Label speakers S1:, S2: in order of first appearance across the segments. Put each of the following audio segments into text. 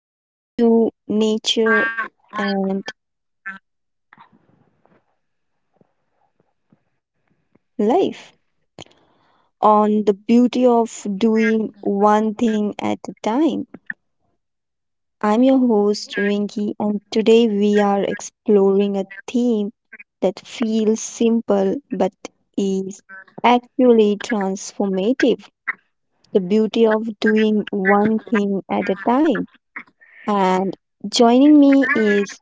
S1: Welcome to Nature and Life on the beauty of doing one thing at a time. I'm your host Rinki, and today we are exploring a theme that feels simple but is actually transformative. The beauty of doing one thing at a time. And joining me is,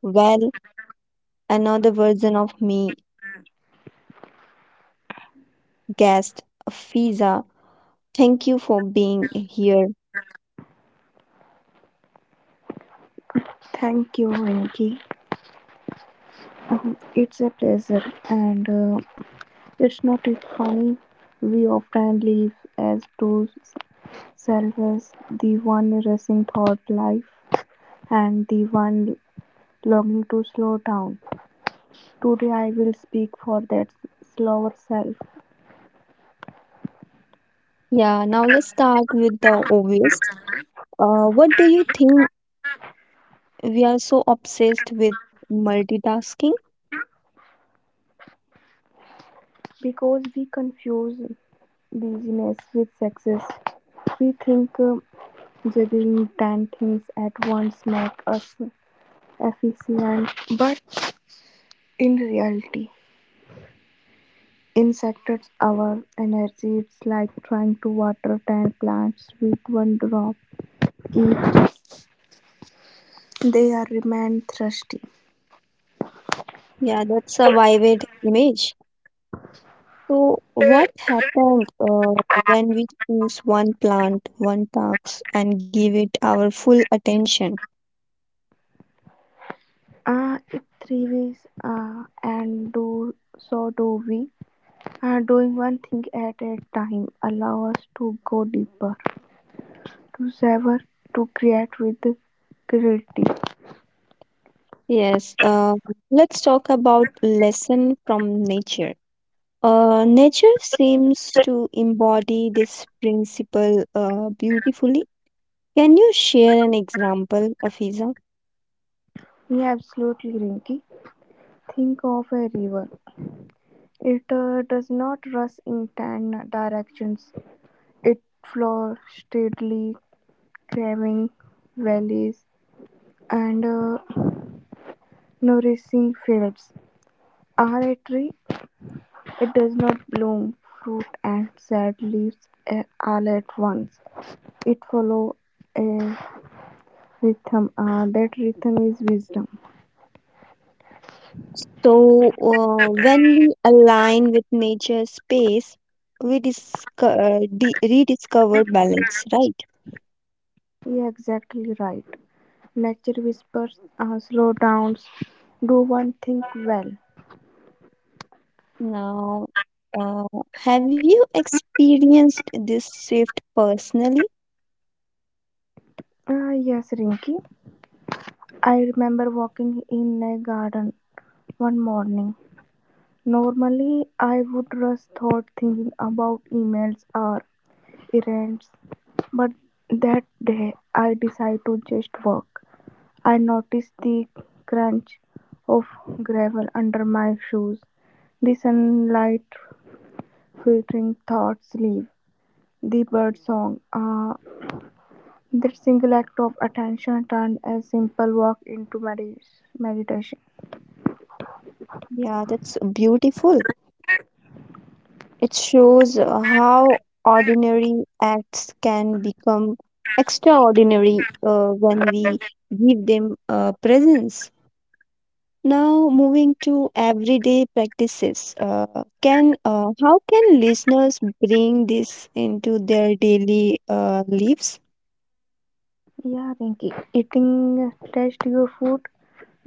S1: well another version of me, guest Fiza. Thank you for being here.
S2: Thank you, Venki. It's a pleasure, and it's not it funny. We often live as two selves, the one racing thought life and the one longing to slow down. Today, I will speak for that slower self
S1: Yeah, now let's start with the obvious. What do you think we are so obsessed with multitasking?
S2: because we confuse busyness with success. We think juggling 10 things at once makes us efficient, but in reality, in sectors our energy is like trying to water 10 plants with one drop each. They are remain thirsty.
S1: Yeah, that's a vivid image. So, what happened when we choose one plant, one task, and give it our full attention?
S2: It thrives and do so do we. Doing one thing at a time allow us to go deeper, to savor, to create with creativity.
S1: Yes, let's talk about lesson from nature. Nature seems to embody this principle beautifully. Can you share an example, Afiza?
S2: Yeah, absolutely, Rinky. Think of a river. It does not rush in 10 directions. It flows steadily, craving valleys and nourishing fields. Are a tree, it does not bloom fruit and sad leaves all at once. It follows a rhythm. That rhythm is wisdom.
S1: So, when we align with nature space, we discover, rediscover balance, right?
S2: Yeah, exactly right. Nature whispers, slow down, do one thing well.
S1: Now, uh, have you experienced this shift personally?
S2: Ah, yes, Rinky. I remember walking in a garden one morning. Normally, I would rush thought thinking about emails or errands, but that day I decided to just walk. I noticed the crunch of gravel under my shoes, the sunlight filtering thoughts leave, the bird song. That single act of attention turned a simple walk into meditation.
S1: Yeah, that's beautiful. It shows how ordinary acts can become extraordinary when we give them presence. Now, moving to everyday practices, can how can listeners bring this into their daily lives?
S2: Yeah, Rinky, eating test your food.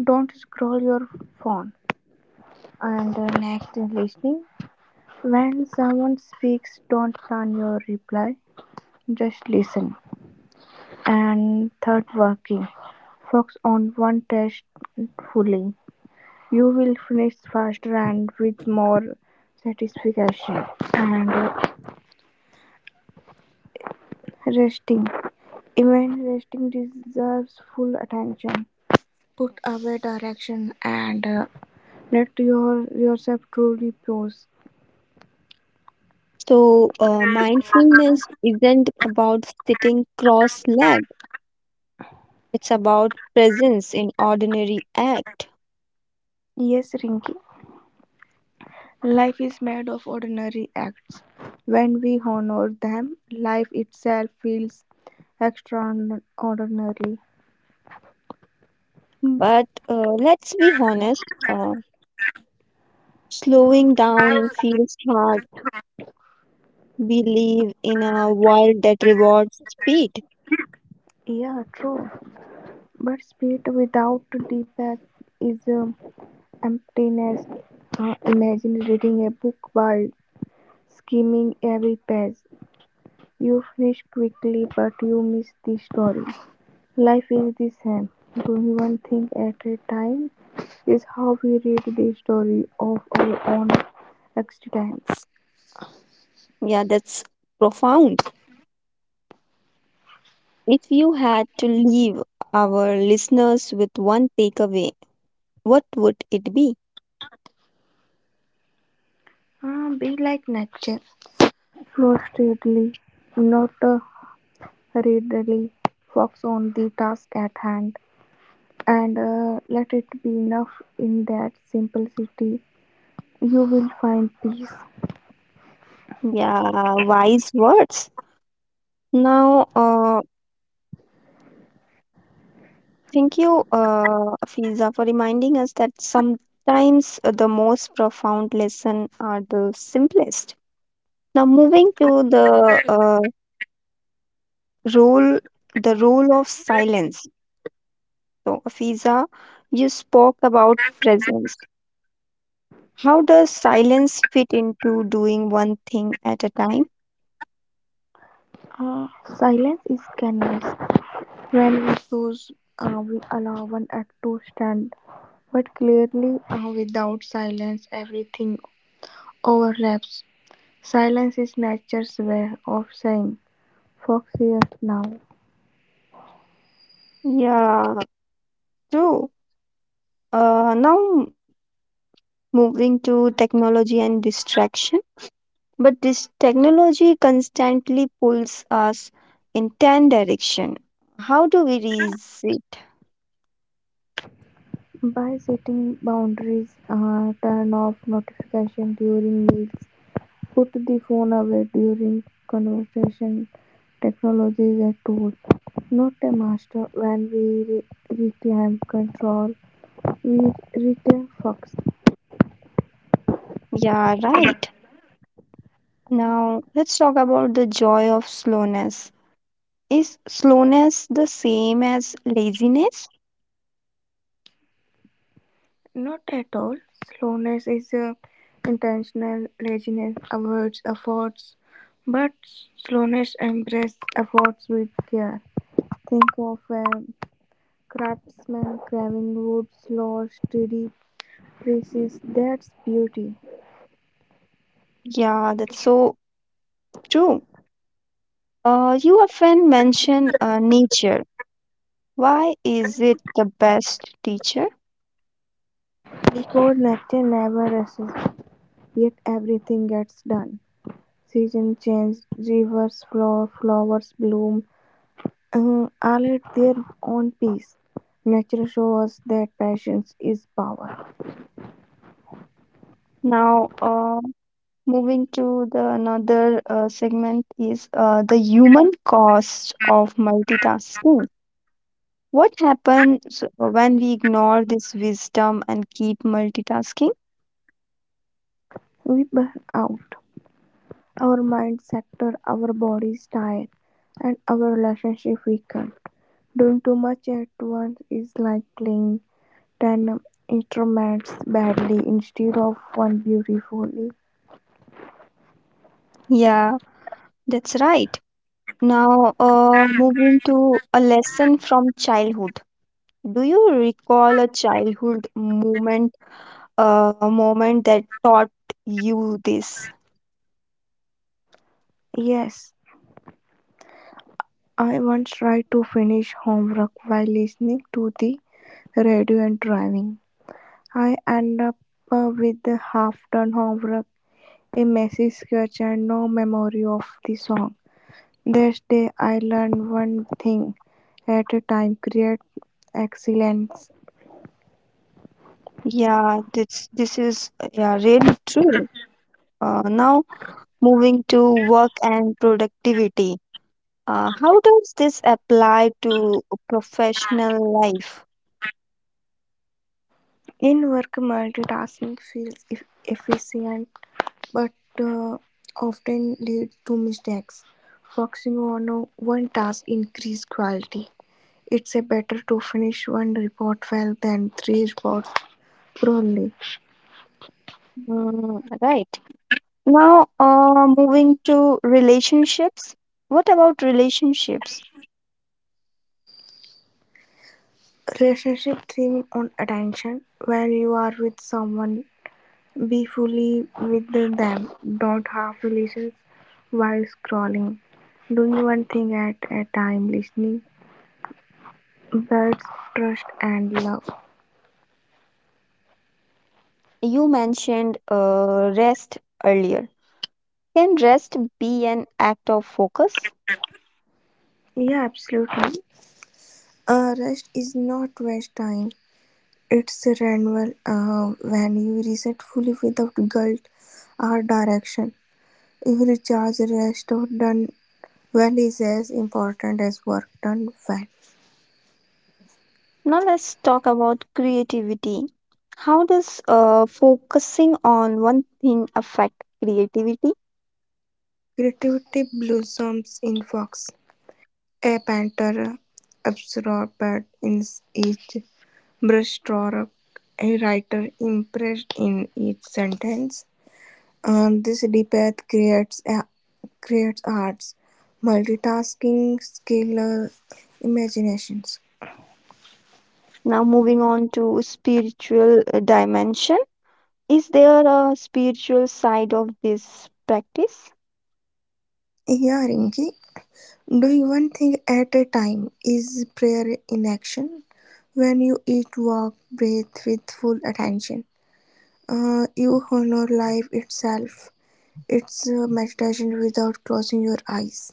S2: Don't scroll your phone. And next, is listening. When someone speaks, don't plan your reply. Just listen. And third, working. Focus on one task fully. You will finish faster and with more satisfaction. And resting. Even resting deserves full attention. Put away direction and let yourself truly pause.
S1: So, mindfulness isn't about sitting cross-legged; it's about presence in ordinary act.
S2: Yes, Rinky. Life is made of ordinary acts. When we honor them, life itself feels extraordinary.
S1: But let's be honest, slowing down feels hard. We live in a world that rewards speed.
S2: Yeah, true. But spirit without Deepak is emptiness. Imagine reading a book while skimming every page. You finish quickly, but you miss the story. Life is the same, doing one thing at a time is how we read the story of our own existence.
S1: Yeah, that's profound. If you had to leave our listeners with one takeaway, what would it be?
S2: Be like nature, flow steadily, not readily, focus on the task at hand, and let it be enough in that simplicity. You will find peace.
S1: Yeah, wise words. Now, thank you, Fiza, for reminding us that sometimes the most profound lesson are the simplest. Now, moving to the role, role of silence. So, Fiza, you spoke about presence. How does silence fit into doing one thing at a time?
S2: Uh, Silence is canvas. When we choose, we allow one act to stand, but clearly, without silence, everything overlaps. Silence is nature's way of saying, Fox here now.
S1: Yeah, true. Now moving to technology and distraction. But this technology constantly pulls us in 10 direction. How do we resist?
S2: By setting boundaries, turn off notification during meals, put the phone away during conversation, technology is a tool, not a master. When we reclaim control, we reclaim fox.
S1: Yeah, right. Now let's talk about the joy of slowness. Is slowness the same as laziness?
S2: Not at all. Slowness is intentional. Laziness avoids efforts, but slowness embraces efforts with care. Think of a craftsman carving wood slow, steady, precise. That's beauty.
S1: Yeah, that's so true. You often mention nature. Why is it the best teacher?
S2: Because nature never rests, yet everything gets done. Seasons change, rivers flow, flowers bloom, all at their own pace. Nature shows us that patience is power.
S1: Now, moving to the another segment is, the human cost of multitasking. What happens when we ignore this wisdom and keep multitasking?
S2: We burn out, our mind sector, our bodies tire, and our relationship weaken. Doing too much at once is like playing 10 instruments badly instead of one beautifully.
S1: Yeah, that's right. Now, moving to a lesson from childhood. Do you recall a childhood moment, a moment that taught you this?
S2: Yes, I once tried to finish homework while listening to the radio and driving. I end up with the half done homework, a messy sketch, and no memory of the song. This day I learned one thing at a time, create excellence.
S1: Yeah, this is really true. Now, moving to work and productivity, how does this apply to professional life?
S2: In work, multitasking feels efficient but uh, often leads to mistakes. Focusing on one task increases quality. It's a better to finish one report well than three reports poorly.
S1: Mm, right. Now, moving to relationships. What about relationships?
S2: Relationship theme on attention. When you are with someone, be fully with them, don't half-listen while scrolling, doing one thing at a time, listening, birds, trust, and love.
S1: You mentioned rest earlier. Can rest be an act of focus?
S2: Yeah, absolutely. Rest is not waste time. It's renewal when you reset fully without guilt or direction. Every charge rest or done well is as important as work done well.
S1: Now, let's talk about creativity. How does focusing on one thing affect creativity?
S2: Creativity blossoms in fox. A painter absorbed in each brushstroke, a writer immersed in each sentence. And this depth creates a creates art's multitasking skill, imaginations.
S1: Now, moving on to spiritual dimension. Is there a spiritual side of this practice?
S2: Yeah, Rinki, doing one thing at a time is prayer in action. When you eat, walk, breathe with full attention, you honor life itself. It's meditation without closing your eyes.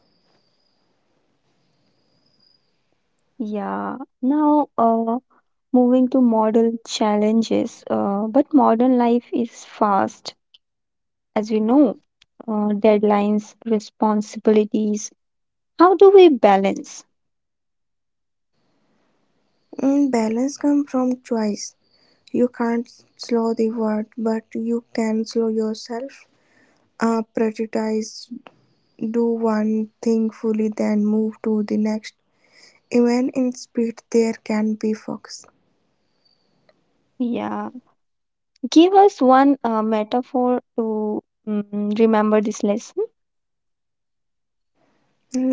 S1: Yeah. Now, moving to modern challenges. But modern life is fast, as we know. Deadlines, responsibilities. How do we balance?
S2: Mm, balance comes from choice. You can't slow the world, but you can slow yourself. Prioritize, do one thing fully, then move to the next. Even in speed, there can be focus.
S1: Yeah. Give us one metaphor to remember this lesson.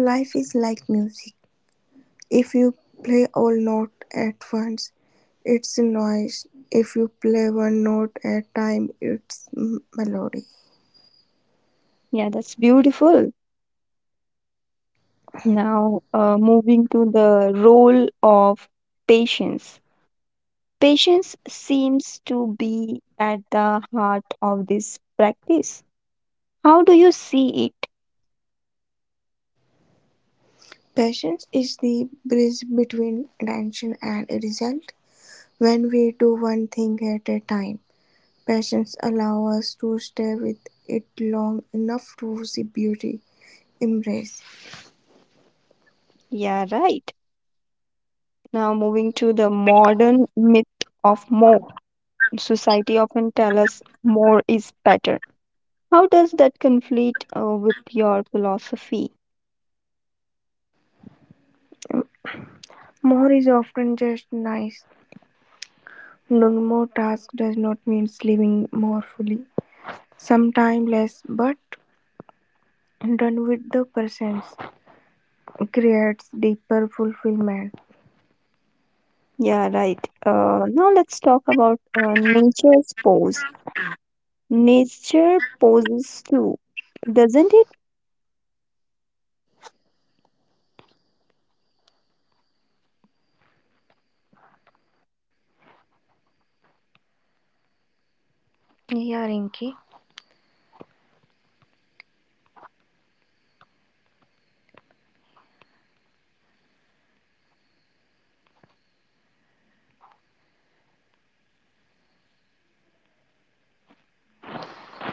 S2: Life is like music. If you play all notes at once, it's noise. If you play one note at a time, it's melody.
S1: Yeah, that's beautiful. Now, moving to the role of patience. Patience seems to be at the heart of this practice. How do you see it?
S2: Patience is the bridge between intention and result. When we do one thing at a time, patience allows us to stay with it long enough to see beauty embrace.
S1: Yeah, right. Now, moving to the modern myth of more. Society often tells us more is better. How does that conflict with your philosophy?
S2: More is often just nice. Doing more tasks does not mean living more fully. Sometimes less, but done with the presence creates deeper fulfillment.
S1: Yeah, right. Now, let's talk about nature's pose. Nature poses too, doesn't it?
S2: Yeah, Rinki.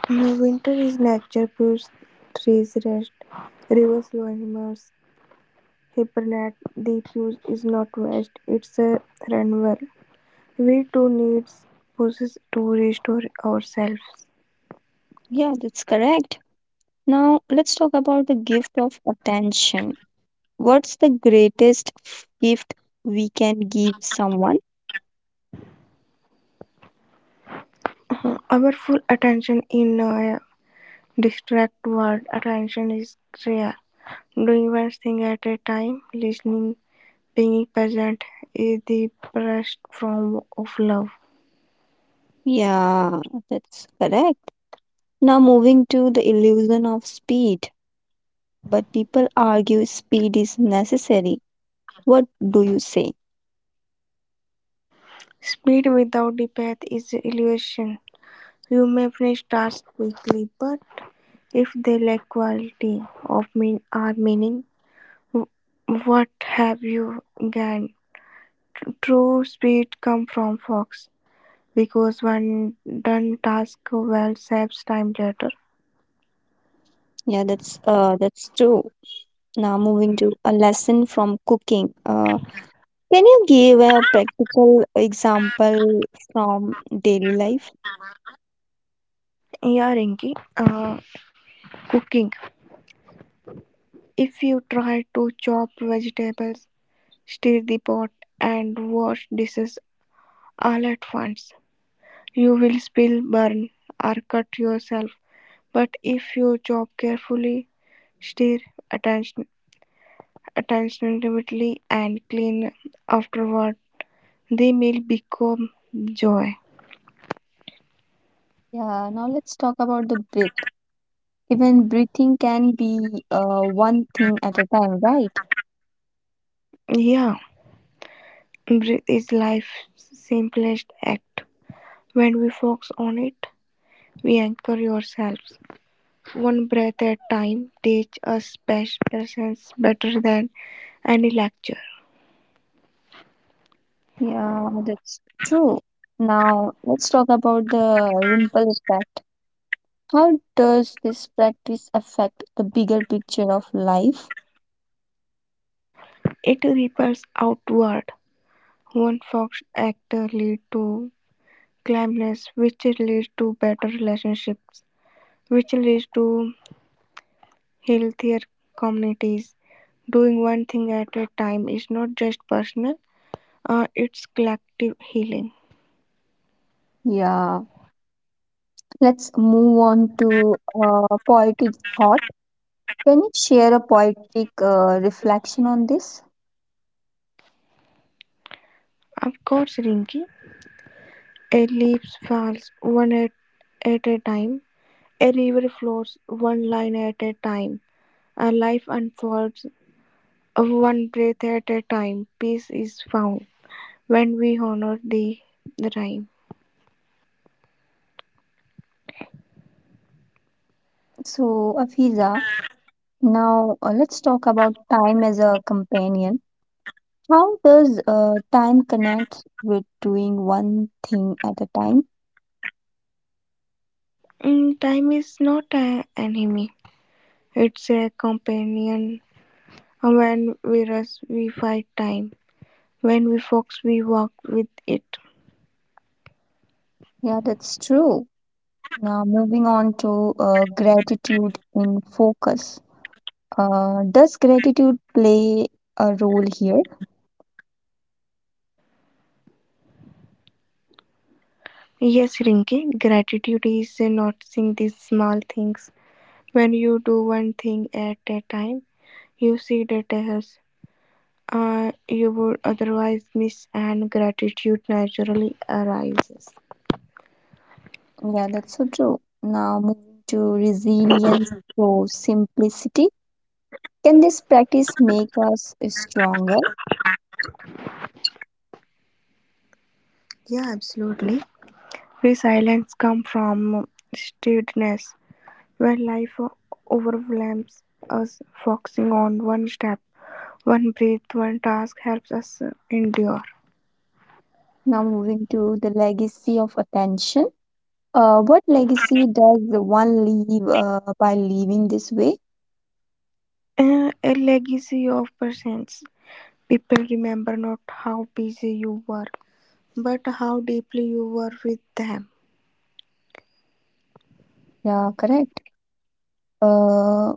S2: Now winter is nature purge, trees rest, rivers flow, animals hibernate. The purge is not rest, it's a renewal. We too needs pauses to restore ourselves.
S1: Yeah, that's correct. Now, let's talk about the gift of attention. What's the greatest gift we can give someone?
S2: Our full attention in a distract world, attention is rare. Doing one thing at a time, listening, being present is the best form of love.
S1: Yeah, that's correct. Now, moving to the illusion of speed. But people argue speed is necessary. What do you say?
S2: Speed without the path is illusion. You may finish tasks quickly, but if they lack quality of mean or meaning, w- what have you gained? True speed comes from focus, because one done task well saves time later.
S1: Yeah, that's true. Now, moving to a lesson from cooking. Can you give a practical example from daily life?
S2: Yeah, Rinki. Cooking. If you try to chop vegetables, stir the pot, and wash dishes all at once, you will spill, burn, or cut yourself. But if you chop carefully, stir alternately, and clean afterward, the meal becomes joy.
S1: Yeah, now let's talk about the breath. Even breathing can be, one thing at a time, right?
S2: Yeah, breath is life's simplest act. When we focus on it, we anchor yourselves. One breath at a time teaches us past presence better than any lecture.
S1: Yeah, that's true. Now let's talk about the ripple effect. How does this practice affect the bigger picture of life?
S2: It ripples outward. One focused act lead to calmness, which leads to better relationships, which leads to healthier communities. Doing one thing at a time is not just personal, it's collective healing.
S1: Yeah, let's move on to poetic thought. Can you share a poetic reflection on this?
S2: Of course, Rinki. A leaf falls at a time, a river flows one line at a time, a life unfolds one breath at a time. Peace is found when we honor the rhyme.
S1: So, Afiza, now, let's talk about time as a companion. How does time connect with doing one thing at a time?
S2: Mm, time is not an enemy. It's a companion. When we rush, we fight time. When we fox, we walk with it.
S1: Yeah, that's true. Now, moving on to gratitude in focus. Does gratitude play a role here?
S2: Yes, Rinki, gratitude is noticing these small things. When you do one thing at a time, you see details helps. You would otherwise miss, and gratitude naturally arises.
S1: Yeah, that's so true. Now, moving to resilience through simplicity. Can this practice make us stronger?
S2: Yeah, absolutely. Free silence comes from steadiness. When life overwhelms us, focusing on one step, one breath, one task helps us endure.
S1: Now, moving to the legacy of attention. What legacy does one leave by leaving this way?
S2: A legacy of presence. People remember not how busy you were, but how deeply you were with them.
S1: Yeah, correct. Uh,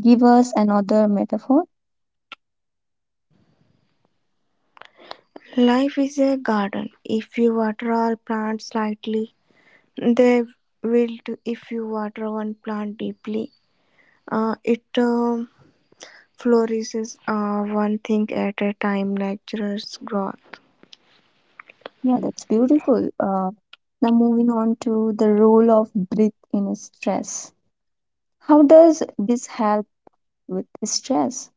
S1: Give us another metaphor.
S2: Life is a garden. If you water all plants slightly, they wilt. If you water one plant deeply, it flourishes one thing at a time, nature's growth.
S1: Yeah, that's beautiful. Now, moving on to the role of breath in stress. How does this help with stress?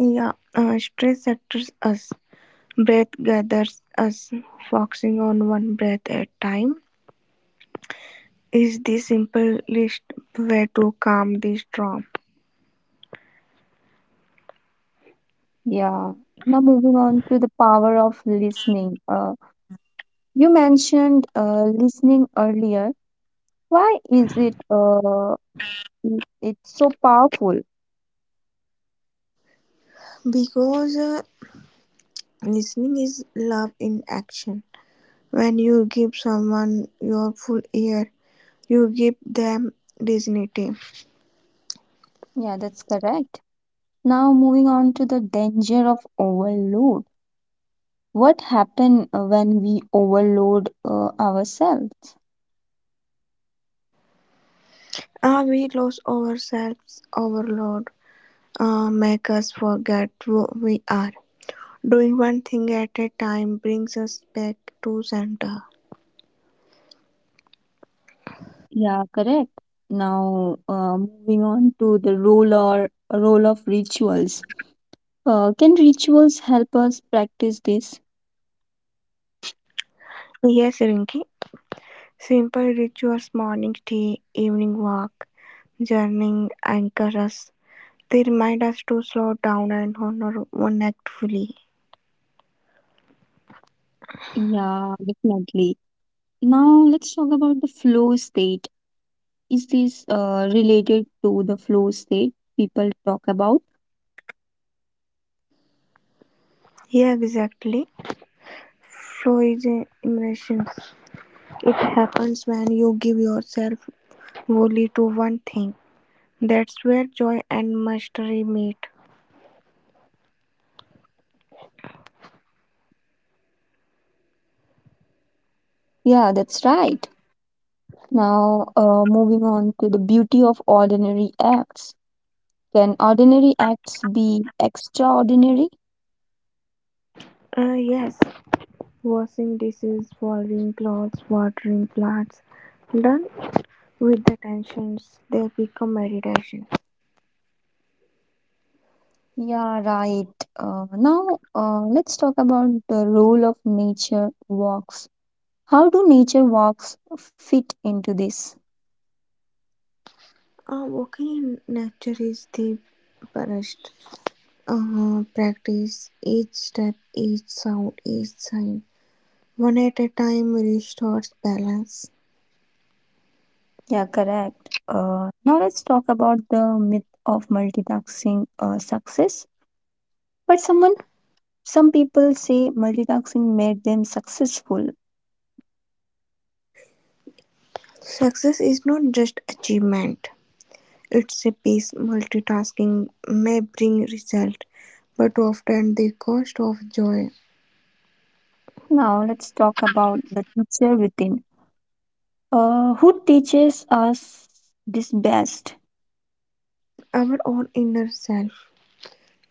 S2: Yeah, stress attacks us. Breath gathers us. Focusing on one breath at a time is the simplest way to calm the storm
S1: Yeah. Now, moving on to the power of listening. You mentioned listening earlier. Why is it it's so powerful?
S2: because listening is love in action. When you give someone your full ear, you give them dignity.
S1: Yeah, that's correct. Now, moving on to the danger of overload. What happens when we overload ourselves?
S2: We lose ourselves, overload, make us forget who we are. Doing one thing at a time brings us back to center.
S1: Yeah, correct. Now, moving on to the role of rituals. Can rituals help us practice this?
S2: Yes, Rinki. Simple rituals, morning tea, evening walk, journaling anchor us. They remind us to slow down and honor one act fully.
S1: Yeah, definitely. Now let's talk about the flow state. Is this related to the flow state people talk about?
S2: Yeah, exactly. Flow is a immersion. It happens when you give yourself wholly to one thing. That's where joy and mastery meet.
S1: Yeah, that's right. Now, moving on to the beauty of ordinary acts. Can ordinary acts be extraordinary?
S2: Yes, washing dishes, folding clothes, watering plants. Done with the tensions, they become meditation.
S1: Yeah, right. Now, let's talk about the role of nature walks. How do nature walks fit into this?
S2: Walking in nature is the best practice. Each step, each sound, each sign, one at a time restores balance.
S1: Yeah, correct. Now, let's talk about the myth of multitasking success. But some people say multitasking made them successful.
S2: Success is not just achievement, it's a piece. Multitasking may bring result, but often the cost of joy.
S1: Now, let's talk about the teacher within. Who teaches us this best?
S2: Our own inner self.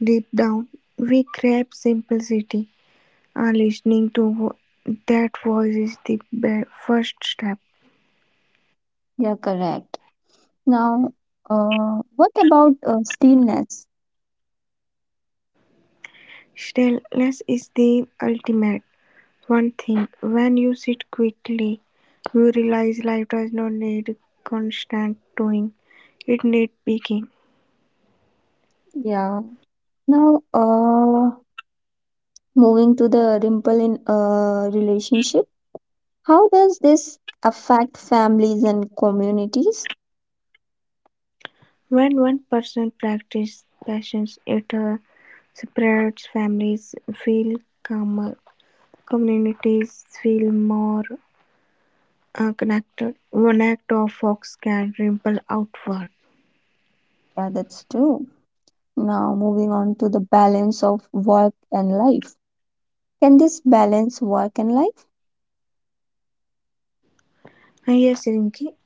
S2: Deep down, we crave simplicity. Our listening to that voice is the first step.
S1: Yeah, correct. Now, what about stillness?
S2: Stillness is the ultimate one thing. When you sit quietly, you realize life does not need constant doing, it needs being.
S1: Yeah. Now, moving to the dimple in relationship, how does this affect families and communities?
S2: When one person practices patience, it spreads, families feel calmer, communities feel more connected. One act of fox can ripple outward.
S1: Yeah, that's true. Now, moving on to the balance of work and life. Can this balance work and life?
S2: And yes, Rinki,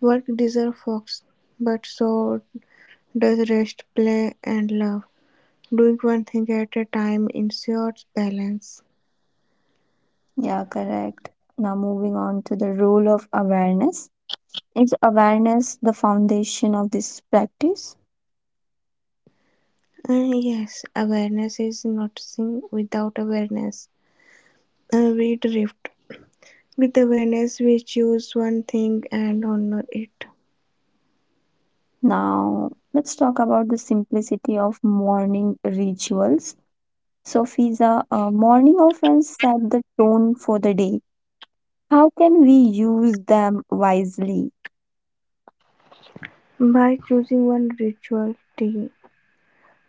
S2: work deserves fox, but so does rest, play, and love. Doing one thing at a time ensures balance.
S1: Yeah, correct. Now, moving on to the role of awareness. Is awareness the foundation of this practice?
S2: Yes, awareness is noticing. Without awareness, we drift. With awareness, we choose one thing and honor it.
S1: Now, let's talk about the simplicity of morning rituals. So, Fiza, morning often set the tone for the day. How can we use them wisely?
S2: By choosing one ritual, tea,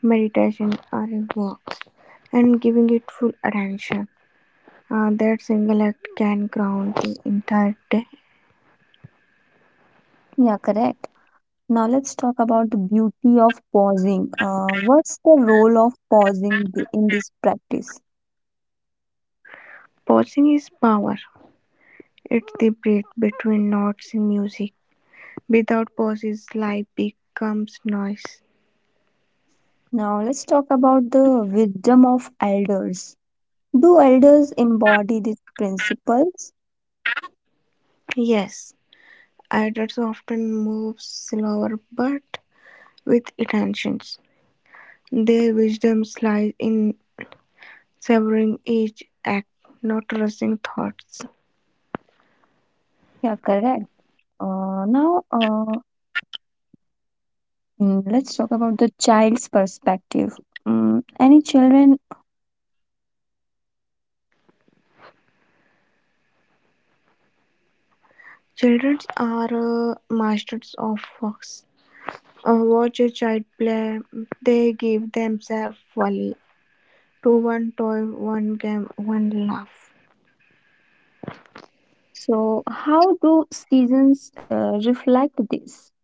S2: meditation, or a walk, and giving it full attention, that single act can ground the entire day.
S1: Yeah, correct. Now, let's talk about the beauty of pausing. What's the role of pausing in this practice?
S2: Pausing is power. It's the breath between notes in music. Without pauses, life becomes noise.
S1: Now, let's talk about the wisdom of elders. Do elders embody these principles?
S2: Yes, adults often move slower but with intentions. Their wisdom lies in savoring each act, not rushing thoughts.
S1: Yeah, correct. Now, let's talk about the child's perspective. Mm, any children?
S2: Children are masters of fox. Watch a child play, they give themselves fully to one toy, one game, one laugh.
S1: So, how do seasons reflect this?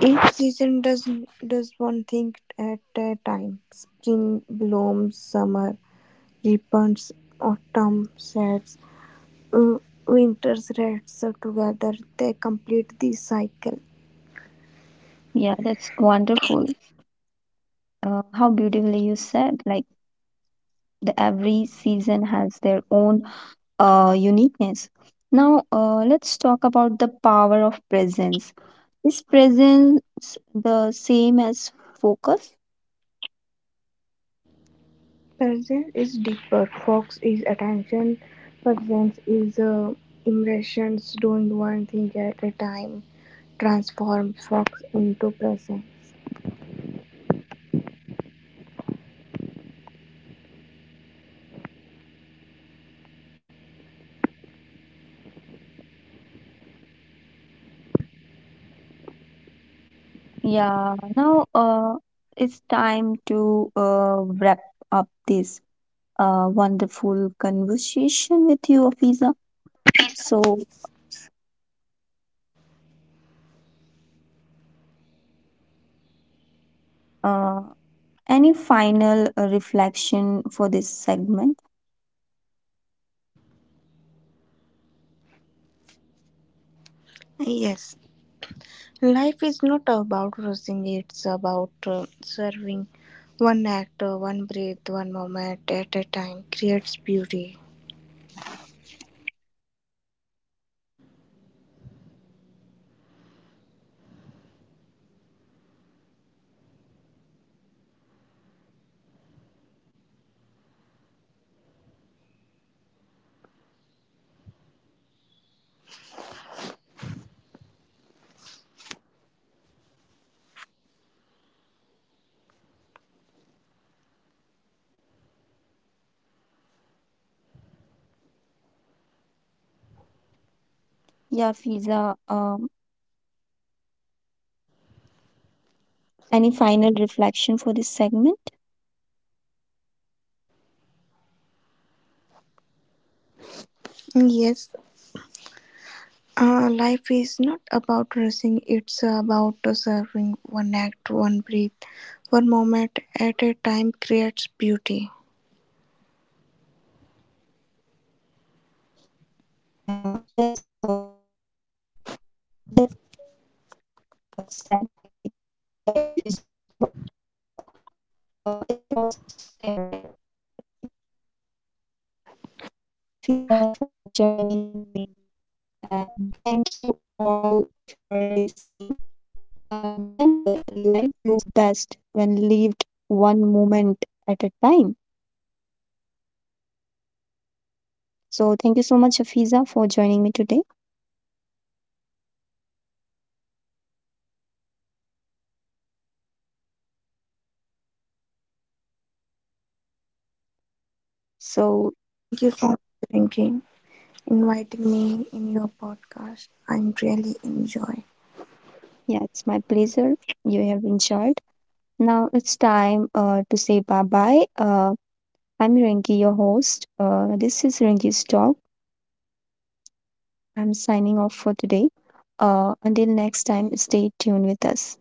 S2: Each season does one thing at a time: spring blooms, summer ripens, autumn sets, w- winter rests. Together they complete the cycle.
S1: Yeah, that's wonderful. How beautifully you said. Like the every season has their own uniqueness. Now, let's talk about the power of presence. Is presence the same as focus?
S2: Presence is deeper. Focus is attention. Presence is immersions. Doing one thing at a time transforms focus into presence.
S1: Yeah, now it's time to wrap up this wonderful conversation with you, Afiza. So, uh, any final reflection for this segment?
S2: Yes, life is not about rushing, it's about serving one act, one breath, one moment at a time creates beauty.
S1: Yeah, Fiza, any final reflection for this segment?
S2: Yes, life is not about rushing, it's about serving one act, one breath, one moment at a time creates beauty.
S1: Yeah, that's beautifully said. Like, life is not about rushing. It's about savoring, right? Now, thank you, Afiza, for joining me, and thank you all for listening. Remember, life blooms best when lived one moment at a time. So thank you so much, Afiza, for joining me today. So
S2: Thank you for thinking, inviting me in your podcast. I'm really enjoy.
S1: yeah, it's my pleasure. You have enjoyed. Now it's time to say bye bye. I'm Rinki, your host. This is Rinki's talk. I'm signing off for today. Until next time, stay tuned with us.